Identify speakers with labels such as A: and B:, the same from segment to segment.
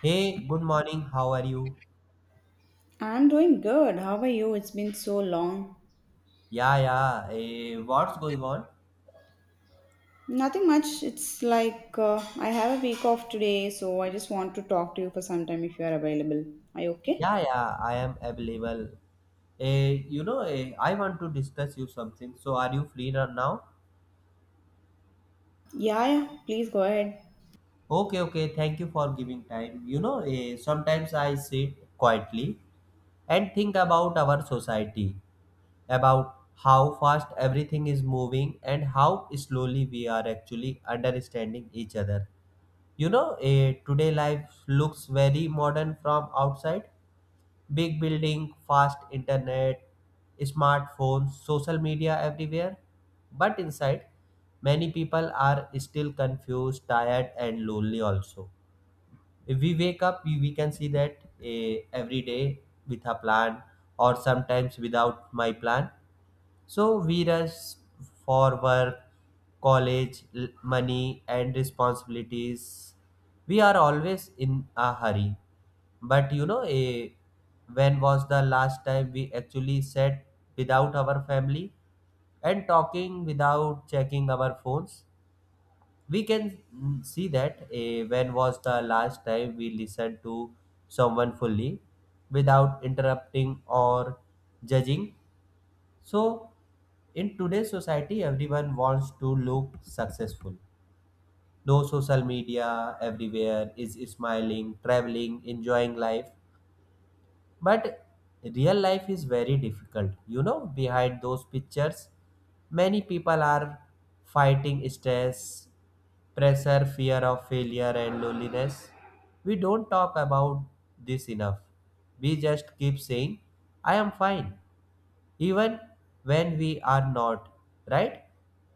A: Hey, good morning. How are you?
B: I'm doing good. How are you? It's been so long.
A: Yeah, yeah. What's going on?
B: Nothing much. It's like I have a week off today, so I just want to talk to you for some time if you are available. Are you okay?
A: Yeah, yeah. I am available. I want to discuss you something. So, are you free right now?
B: Yeah, yeah. Please go ahead.
A: Okay, okay. Thank you for giving time. Sometimes I sit quietly and think about our society, about how fast everything is moving and how slowly we are actually understanding each other. Today life looks very modern from outside. Big building, fast internet, smartphones, social media everywhere. But inside, many people are still confused, tired, and lonely also. If we wake up, we can see that every day with a plan or sometimes without my plan. So we rush for work, college, money, and responsibilities. We are always in a hurry. But when was the last time we actually sat without our family and talking without checking our phones? We can see that when was the last time we listened to someone fully without interrupting or judging? So, in today's society, everyone wants to look successful. No social media, everywhere is smiling, traveling, enjoying life. But real life is very difficult. You know, behind those pictures, many people are fighting stress, pressure, fear of failure, and loneliness. We don't talk about this enough. We just keep saying, I am fine, even when we are not, right?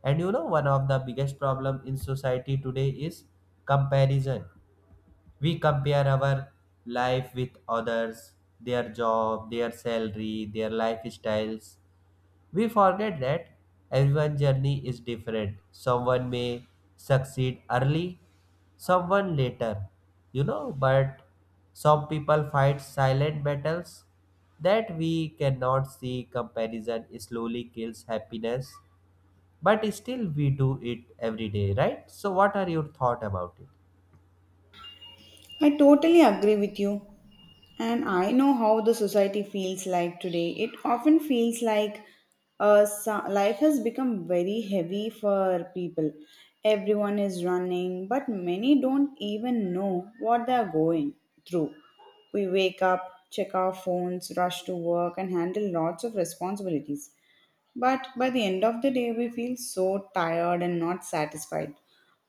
A: And you know, one of the biggest problem in society today is comparison. We compare our life with others, their job, their salary, their lifestyles. We forget that everyone's journey is different. Someone may succeed early, someone later, you know, but some people fight silent battles that we cannot see. Comparison slowly kills happiness, but still we do it every day, right? So, what are your thoughts about it?
B: I totally agree with you. And I know how the society feels like today. It often feels like life has become very heavy for people. Everyone is running, but many don't even know what they are going through. We wake up, check our phones, rush to work, and handle lots of responsibilities. But by the end of the day, we feel so tired and not satisfied.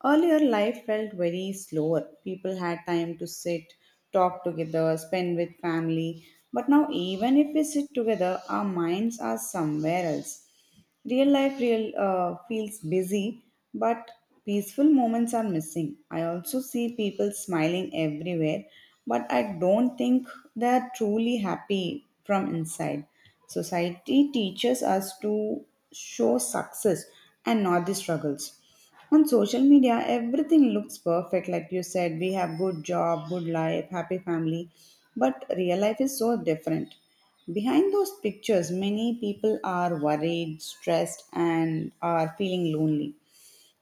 B: Earlier, life felt very slower. People had time to sit, talk together, spend with family. But now, even if we sit together, our minds are somewhere else. Real life real feels busy, but peaceful moments are missing. I also see people smiling everywhere, but I don't think they are truly happy from inside. Society teaches us to show success and not the struggles. On social media, everything looks perfect. Like you said, we have good job, good life, happy family, but real life is so different. Behind those pictures, many people are worried, stressed, and are feeling lonely.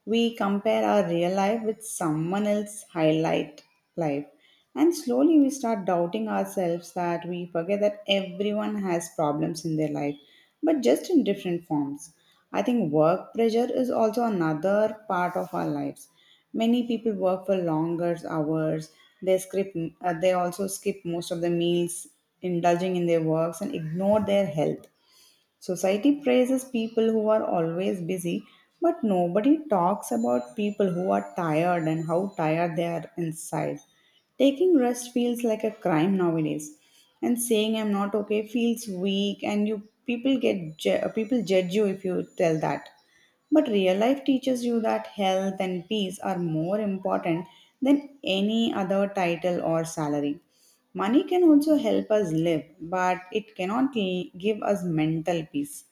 B: We compare our real life with someone else's highlight life. And slowly we start doubting ourselves that we forget that everyone has problems in their life, but just in different forms. I think work pressure is also another part of our lives. Many people work for longer hours. They skip, they also skip most of the meals, indulging in their works and ignore their health. Society praises people who are always busy, but nobody talks about people who are tired and how tired they are inside. Taking rest feels like a crime nowadays, and saying I'm not okay feels weak, and you people get ju- people judge you if you tell that. But real life teaches you that health and peace are more important than any other title or salary. Money can also help us live, but it cannot give us mental peace.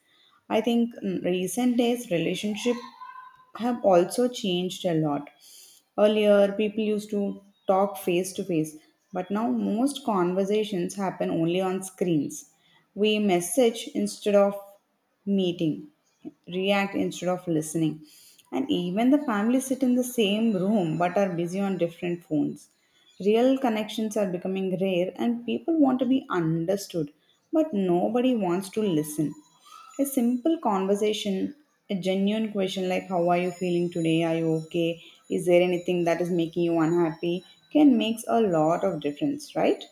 B: I think recent days relationship have also changed a lot. Earlier, people used to talk face to face, but now most conversations happen only on screens. We message instead of meeting, react instead of listening. And even the family sit in the same room but are busy on different phones. Real connections are becoming rare and people want to be understood, but nobody wants to listen. A simple conversation, a genuine question like, "How are you feeling today? Are you okay? Is there anything that is making you unhappy?" can makes a lot of difference, right?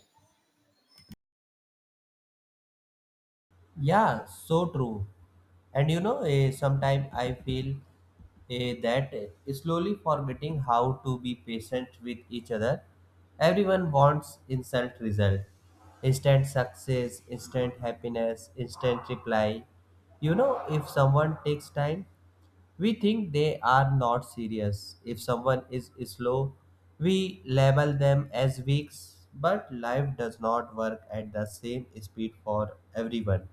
A: Yeah, so true. And sometimes I feel that slowly forgetting how to be patient with each other. Everyone wants instant result, instant success, instant happiness, instant reply. You know, if someone takes time, we think they are not serious. If someone is slow, we label them as weak. But life does not work at the same speed for everyone.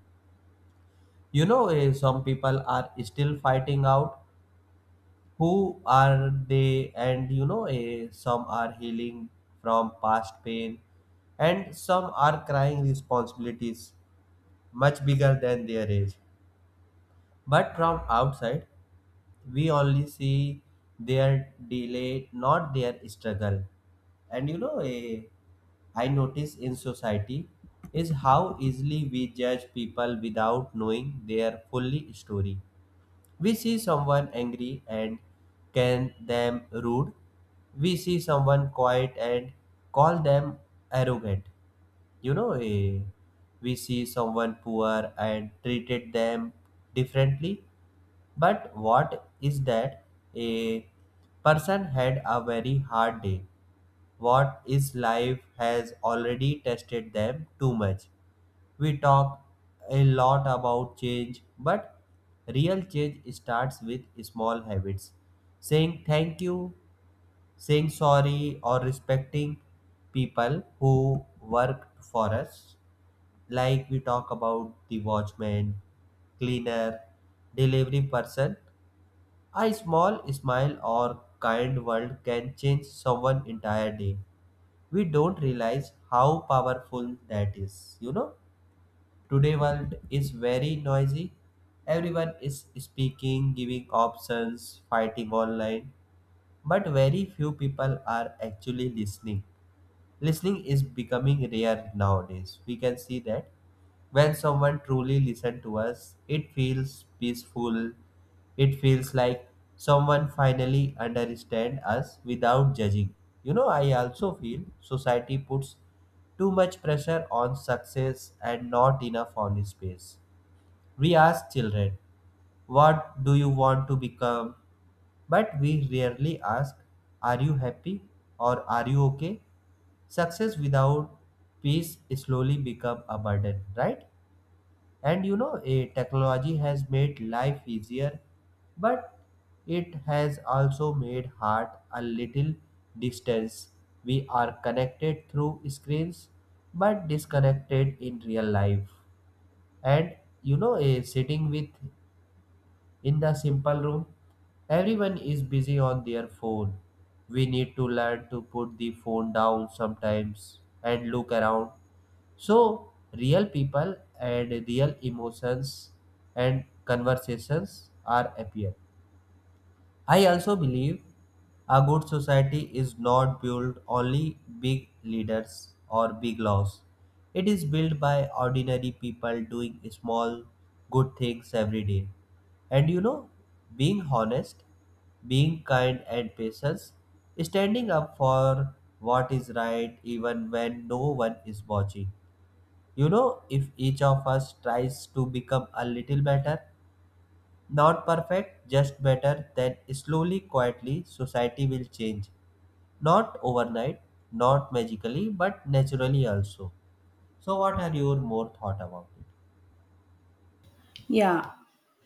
A: Some people are still fighting out who are they, and some are healing from past pain, and some are crying responsibilities much bigger than their age. But from outside, we only see their delay, not their struggle. And I notice in society is how easily we judge people without knowing their fully story. We see someone angry and can them rude. We see someone quiet and call them arrogant. You know, eh, we see someone poor and treated them differently. But what is that? A person had a very hard day. What is life has already tested them too much. We talk a lot about change, but real change starts with small habits. Saying thank you, saying sorry, or respecting people who worked for us. Like we talk about the watchman, cleaner, delivery person. A small smile or kind word can change someone entire day. We don't realize how powerful that is, you know? Today world is very noisy. Everyone is speaking, giving options, fighting online, but very few people are actually listening. Listening is becoming rare nowadays. We can see that when someone truly listens to us, it feels peaceful. It feels like someone finally understands us without judging. You know, I also feel society puts too much pressure on success and not enough on space. We ask children, what do you want to become? But we rarely ask, are you happy or are you okay? Success without peace slowly become a burden, right? And you know, a technology has made life easier, but it has also made heart a little distance. We are connected through screens but disconnected in real life. And you know, a sitting with in the simple room, everyone is busy on their phone. We need to learn to put the phone down sometimes and look around, so real people and real emotions and conversations are appear. I also believe a good society is not built only big leaders or big laws. It is built by ordinary people doing small good things every day. And you know, being honest, being kind and patient, standing up for what is right even when no one is watching. You know, if each of us tries to become a little better, not perfect, just better, then slowly, quietly, society will change. Not overnight, not magically, but naturally also. So, what are your more thought about it?
B: Yeah,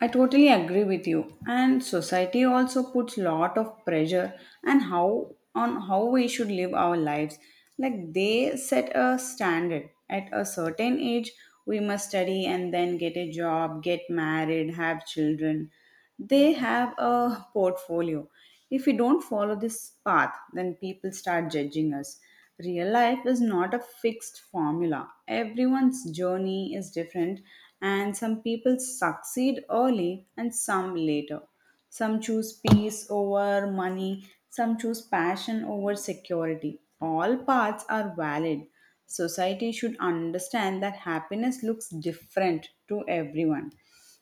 B: I totally agree with you. And society also puts lot of pressure and how on how we should live our lives. Like they set a standard at a certain age we must study and then get a job, get married, have children. They have a portfolio. If we don't follow this path, then people start judging us. Real life is not a fixed formula. Everyone's journey is different, and some people succeed early and some later. Some choose peace over money, some choose passion over security. All paths are valid. Society should understand that happiness looks different to everyone.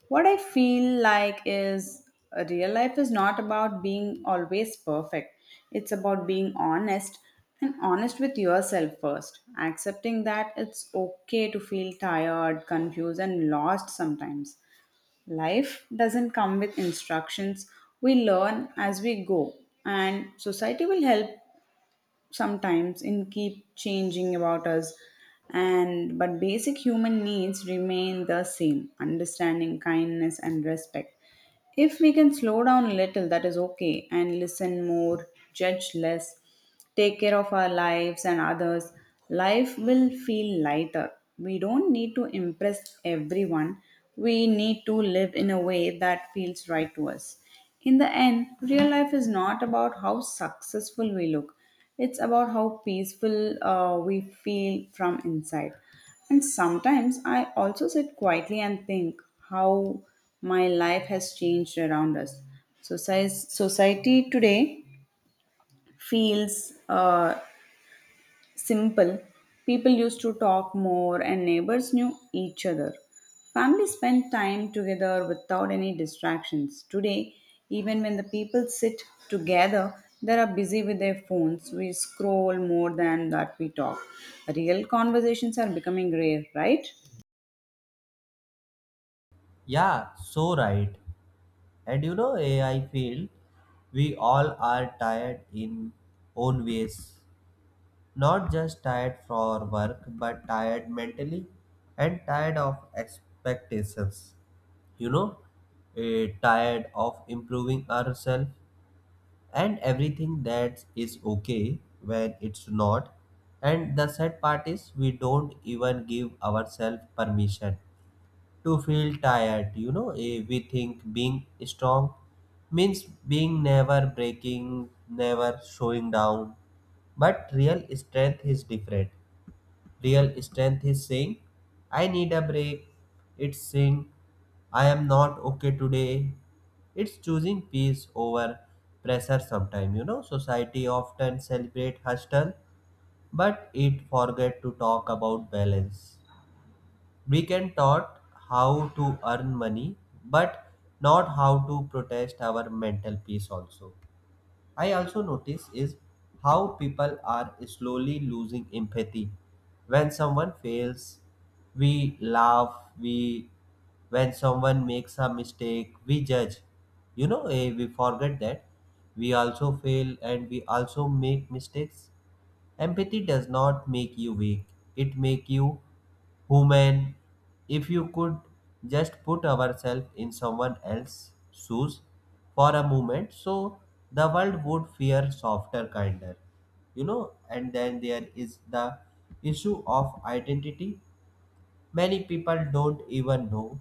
B: What I feel like is real life is not about being always perfect. It's about being honest and honest with yourself first, accepting that it's okay to feel tired, confused, and lost sometimes. Life doesn't come with instructions, we learn as we go, and society will help sometimes in keep changing about us and but basic human needs remain the same, understanding, kindness, and respect. If we can slow down a little, that is okay, and listen more, judge less, take care of our lives and others, life will feel lighter. We don't need to impress everyone, we need to live in a way that feels right to us. In the end, real life is not about how successful we look, it's about how peaceful we feel from inside. And sometimes I also sit quietly and think how my life has changed around us. Society today feels simple. People used to talk more and neighbors knew each other. Families spent time together without any distractions. Today, even when the people sit together, they are busy with their phones. We scroll more than that we talk. Real conversations are becoming rare, right?
A: Yeah, so right. And you know, I feel we all are tired in own ways. Not just tired for work, but tired mentally and tired of expectations. you know, Tired of improving ourselves and everything that is okay when it's not. And the sad part is, we don't even give ourselves permission to feel tired. We think being strong means being never breaking, never showing down. But real strength is different. Real strength is saying, I need a break. It's saying, I am not okay today. It's choosing peace over pressure sometime, you know. Society often celebrate hustle, but it forget to talk about balance. We can taught how to earn money, but not how to protest our mental peace also. I also notice is how people are slowly losing empathy. When someone fails, we laugh, we when someone makes a mistake, we judge. We forget that we also fail and we also make mistakes. Empathy does not make you weak. It make you human, if you could just put ourselves in someone else's shoes for a moment, so the world would fear softer, kinder, you know. And then there is the issue of identity. Many people don't even know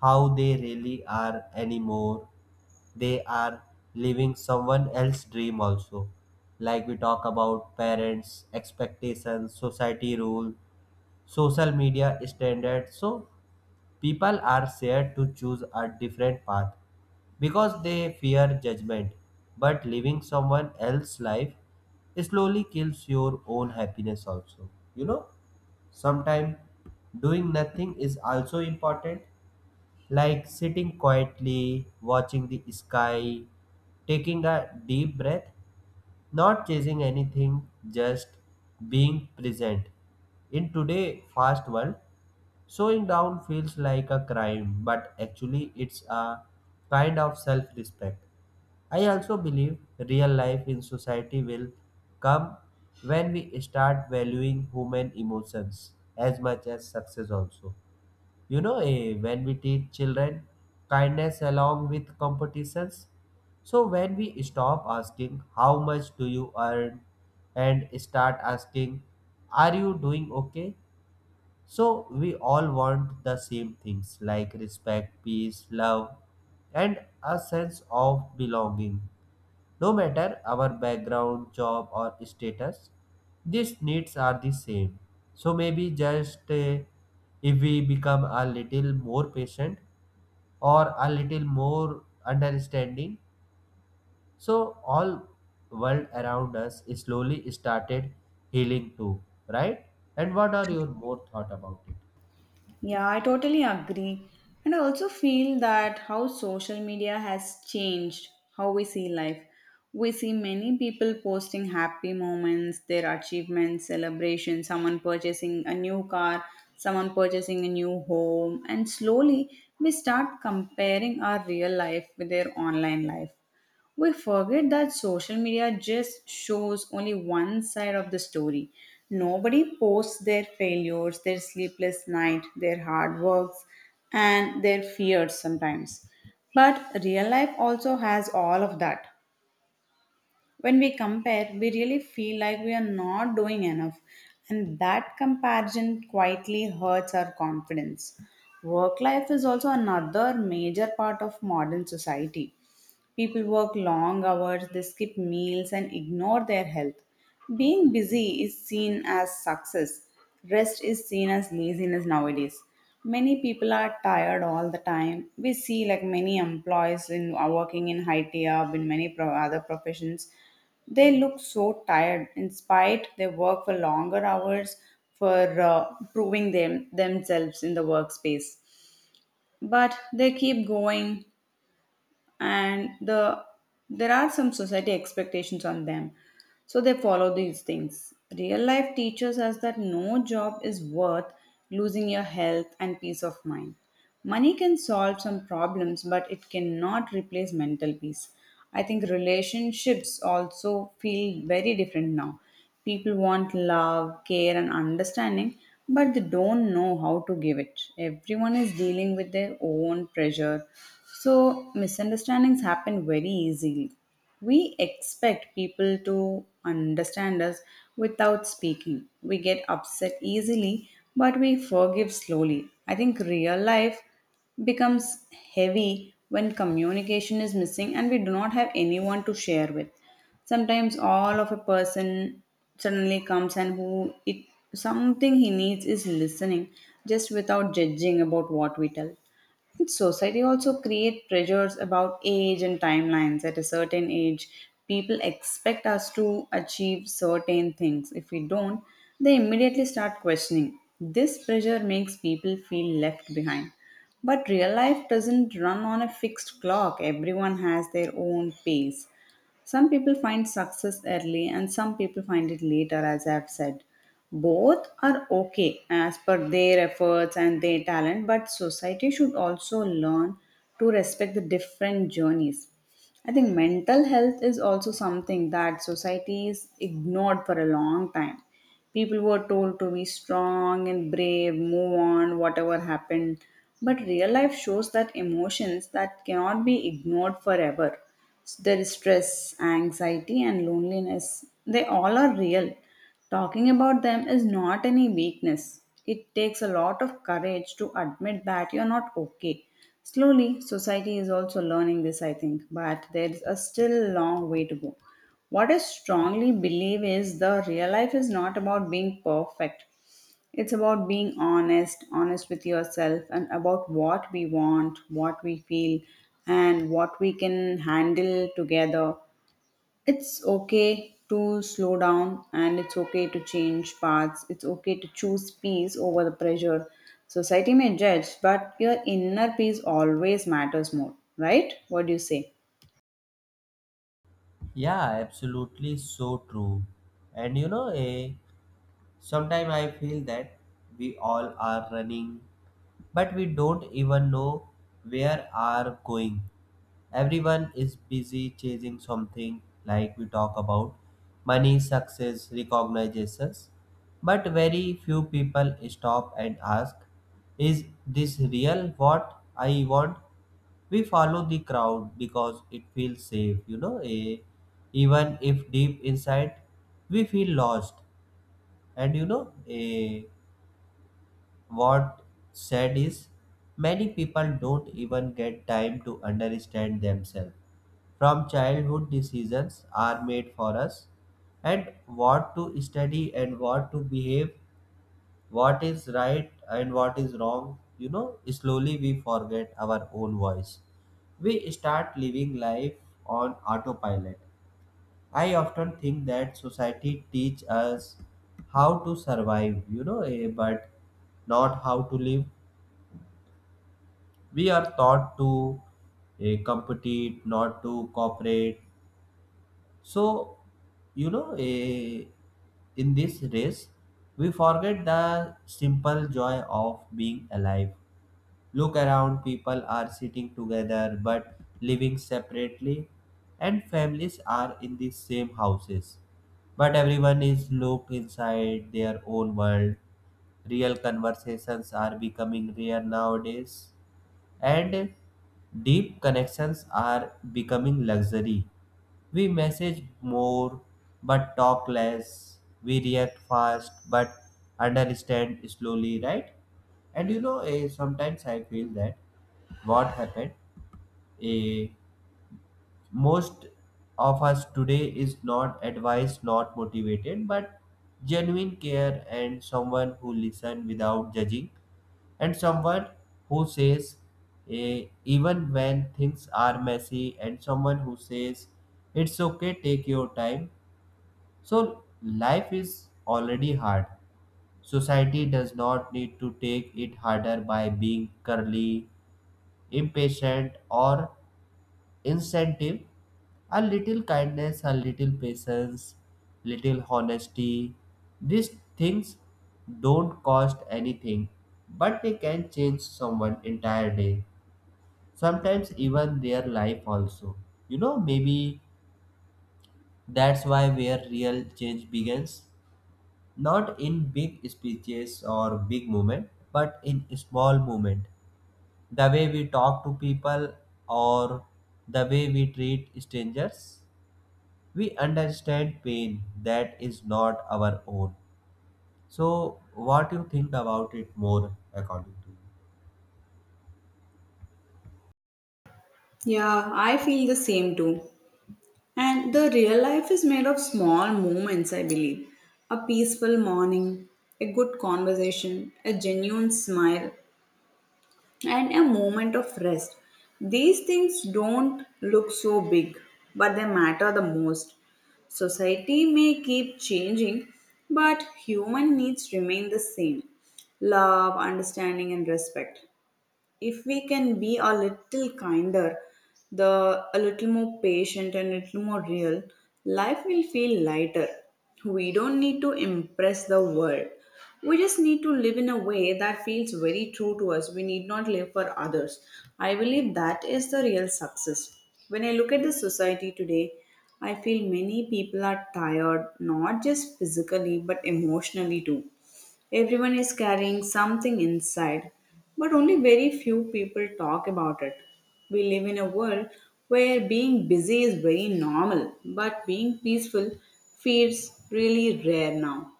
A: how they really are anymore. They are living someone else's dream also. Like we talk about parents, expectations, society rule, social media standards. So people are scared to choose a different path because they fear judgment, but living someone else's life slowly kills your own happiness also. You know, sometimes doing nothing is also important, like sitting quietly watching the sky, taking a deep breath, not chasing anything, just being present in today fast world. Slowing down feels like a crime, but actually, it's a kind of self respect. I also believe real life in society will come when we start valuing human emotions as much as success, also. When we teach children kindness along with competitions, so when we stop asking how much do you earn and start asking are you doing okay. So we all want the same things like respect, peace, love, and a sense of belonging. No matter our background, job, or status, these needs are the same. So maybe just if we become a little more patient or a little more understanding, so all world around us slowly started healing too, right? And what are your more thought about it?
B: Yeah, I totally agree. And I also feel that how social media has changed how we see life. We see many people posting happy moments, their achievements, celebrations, someone purchasing a new car, someone purchasing a new home, and slowly we start comparing our real life with their online life. We forget that social media just shows only one side of the story. Nobody posts their failures, their sleepless night, their hard works, and their fears sometimes. But real life also has all of that. When we compare, we really feel like we are not doing enough, and that comparison quietly hurts our confidence. Work life is also another major part of modern society. People work long hours, they skip meals, and ignore their health. Being busy is seen as success, rest is seen as laziness nowadays. Many people are tired all the time. We see like many employees in are working in high IT up in other professions. They look so tired. In spite, they work for longer hours for proving themselves in the workspace, but they keep going, and there are some society expectations on them, so they follow these things. Real life teaches us that no job is worth losing your health and peace of mind. Money can solve some problems, but it cannot replace mental peace. I think relationships also feel very different now. People want love, care, and understanding, but they don't know how to give it. Everyone is dealing with their own pressure, so misunderstandings happen very easily. We expect people to understand us without speaking. We get upset easily, but we forgive slowly. I think real life becomes heavy when communication is missing and we do not have anyone to share with. Sometimes all of a person suddenly comes and who it something he needs is listening, just without judging about what we tell. And society also create pressures about age and timelines. At a certain age, people expect us to achieve certain things. If we don't, they immediately start questioning. This pressure makes people feel left behind. But real life doesn't run on a fixed clock. Everyone has their own pace. Some people find success early and some people find it later, as I've said. Both are okay as per their efforts and their talent, but society should also learn to respect the different journeys. I think mental health is also something that society is ignored for a long time. People were told to be strong and brave, move on, whatever happened. But real life shows that emotions that cannot be ignored forever. There is stress, anxiety, and loneliness. They all are real. Talking about them is not any weakness. It takes a lot of courage to admit that you're not okay. Slowly, society is also learning this, I think, but there is a still long way to go. What I strongly believe is the real life is not about being perfect. It's about being honest, honest with yourself, and about what we want, what we feel, and what we can handle together. It's okay to slow down and it's okay to change paths. It's okay to choose peace over the pressure. Society may judge, but your inner peace always matters more, right? What do you say?
A: Yeah, absolutely so true. And sometimes I feel that we all are running, but we don't even know where are going. Everyone is busy chasing something like we talk about money, success, recognitions, but very few people stop and ask, is this real what I want? We follow the crowd because it feels safe, even if deep inside we feel lost. And what sad is many people don't even get time to understand themselves. From childhood decisions are made for us, and what to study and what to behave, what is right and what is wrong. You know, slowly we forget our own voice. We start living life on autopilot. I often think that society teach us how to survive, but not how to live. We are taught to compete, not to cooperate. So you know eh, in this race we forget the simple joy of being alive. Look around, people are sitting together but living separately, and families are in the same houses. But everyone is locked inside their own world. Real conversations are becoming rare nowadays, and deep connections are becoming luxury. We message more but talk less. We react fast but understand slowly, right? And sometimes I feel that what happened, eh, most of us today is not advised, not motivated, but genuine care and someone who listen without judging, and someone who says even when things are messy, and someone who says it's okay, take your time. So life is already hard. Society does not need to take it harder by being curly, impatient, or incentive. A little kindness, a little patience, little honesty, these things don't cost anything, but they can change someone entire day, sometimes even their life also. You know, maybe that's why where real change begins, not in big speeches or big moment, but in small moment, the way we talk to people or the way we treat strangers, we understand pain that is not our own. So, what you think about it more according to you?
B: Yeah, I feel the same too. And the real life is made of small moments, I believe. A peaceful morning, a good conversation, a genuine smile, and a moment of rest. These things don't look so big, but they matter the most. Society may keep changing, but human needs remain the same, love, understanding, and respect. If we can be a little kinder, the a little more patient and a little more real, life will feel lighter. We don't need to impress the world. We just need to live in a way that feels very true to us. We need not live for others. I believe that is the real success. When I look at the society today, I feel many people are tired, not just physically but emotionally too. Everyone is carrying something inside, but only very few people talk about it. We live in a world where being busy is very normal, but being peaceful feels really rare now.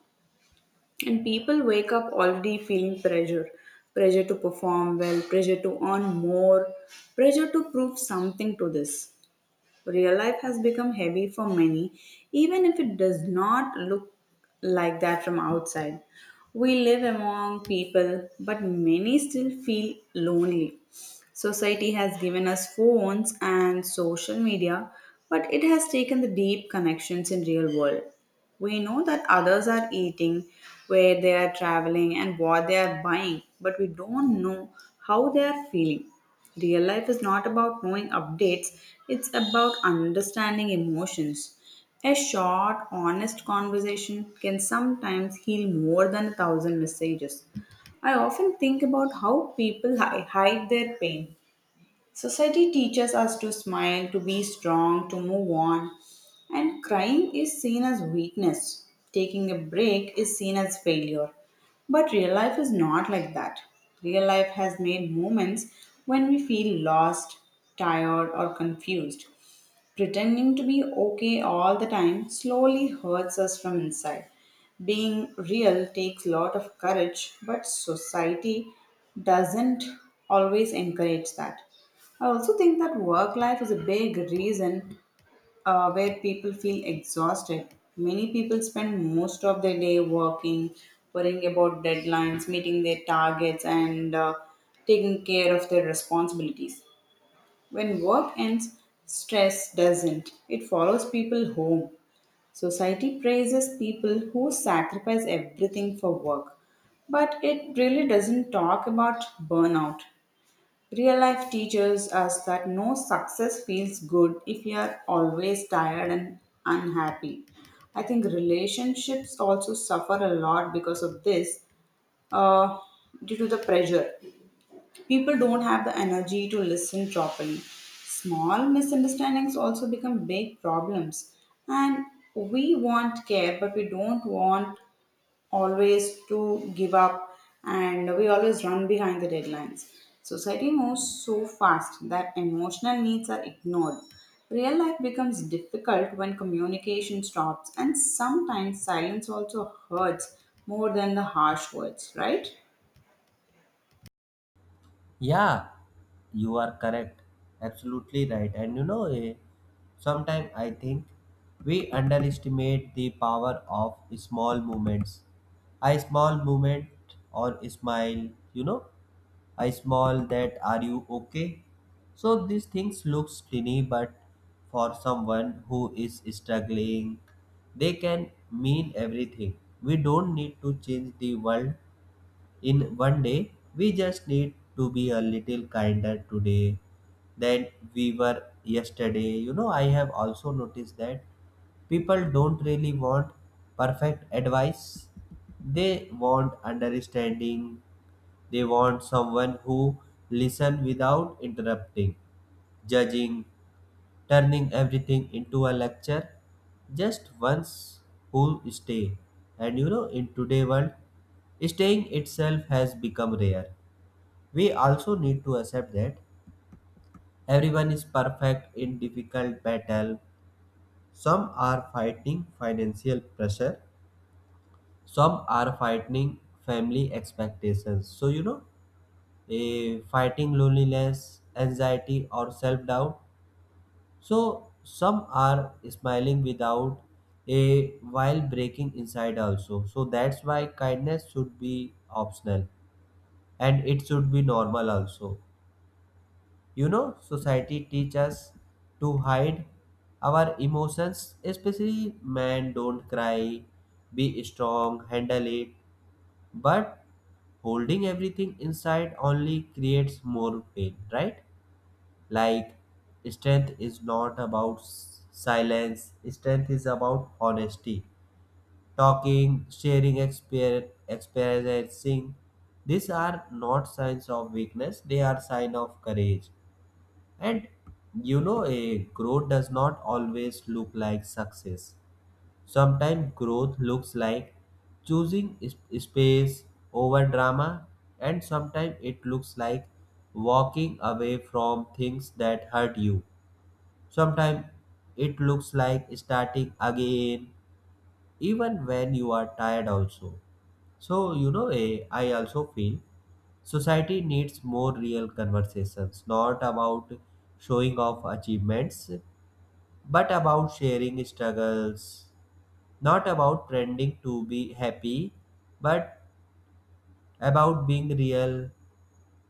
B: And people wake up already feeling pressure to perform well, pressure to earn more, pressure to prove something to this. Real life has become heavy for many, even if it does not look like that from outside. We live among people, but many still feel lonely. Society has given us phones and social media, but it has taken the deep connections in real world. We know that others are eating, where they are traveling and what they are buying, but we don't know how they are feeling. Real life is not about knowing updates, it's about understanding emotions. A short, honest conversation can sometimes heal more than 1,000 messages. I often think about how hide their pain. Society teaches us to smile, to be strong, to move on, and crying is seen as weakness. Taking a break is seen as failure. But real life is not like that. Real life has made moments when we feel lost, tired, or confused. Pretending to be okay all the time slowly hurts us from inside. Being real takes a lot of courage, but society doesn't always encourage that. I also think that work life is a big reason where people feel exhausted. Many people spend most of their day working, worrying about deadlines, meeting their targets, and taking care of their responsibilities. When work ends, stress doesn't. It follows people home. Society praises people who sacrifice everything for work. But it really doesn't talk about burnout. Real life teaches us that no success feels good if you are always tired and unhappy. I think relationships also suffer a lot because of this, uh, due to the pressure. People don't have the energy to listen properly. Small misunderstandings also become big problems. And we want care, but we don't want always to give up, and we always run behind the deadlines. Society moves so fast that emotional needs are ignored. Real life becomes difficult when communication stops, and sometimes silence also hurts more than the harsh words, right?
A: Yeah, you are correct, absolutely right. And sometimes I think we underestimate the power of small movements. A small movement or a smile, you know, I small that are you okay? So these things looks tiny, but for someone who is struggling they can mean everything. We don't need to change the world in one day. We just need to be a little kinder today than we were yesterday. You know, I have also noticed that people don't really want perfect advice. They want understanding. They want someone who listen without interrupting, judging, turning everything into a lecture. Just once who stay. And you know, in today world, staying itself has become rare. We also need to accept that everyone is perfect in difficult battle. Some are fighting financial pressure. Some are fighting family expectations. So fighting loneliness, anxiety, or self doubt. So, some are smiling without a while breaking inside also. So, that's why kindness should be optional and it should be normal also. You know, society teaches us to hide our emotions, especially man, don't cry, be strong, handle it. But holding everything inside only creates more pain, right? Like, strength is not about silence, strength is about honesty. Talking, sharing, experiencing. These are not signs of weakness, they are sign of courage. And you know, a growth does not always look like success. Sometimes growth looks like choosing space over drama, and sometimes it looks like walking away from things that hurt you. Sometimes it looks like starting again, even when you are tired, also. So, I also feel society needs more real conversations, not about showing off achievements, but about sharing struggles, not about trending to be happy, but about being real.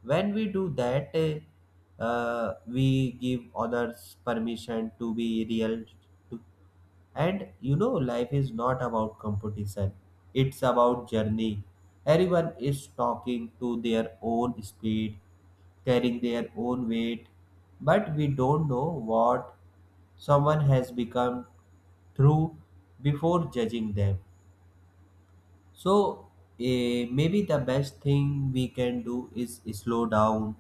A: When we do that, we give others permission to be real. And you know, life is not about competition, it's about journey. Everyone is talking to their own speed, carrying their own weight, but we don't know what someone has become through before judging them. So, maybe the best thing we can do is slow down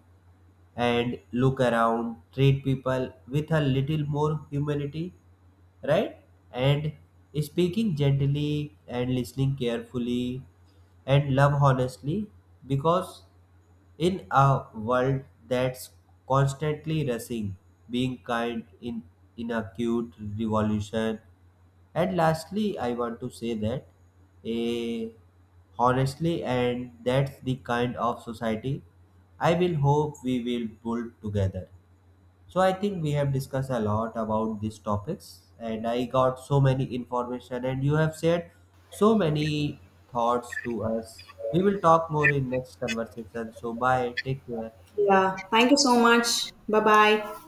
A: and look around, treat people with a little more humility, right? And speaking gently and listening carefully and love honestly, because in a world that's constantly rushing, being kind in a cute revolution. And lastly, I want to say that a honestly, and that's the kind of society I will hope we will build together. So I think we have discussed a lot about these topics, and I got so many information, and you have shared so many thoughts to us. We will talk more in next conversation. So bye, take care.
B: Yeah. Thank you so much. Bye bye.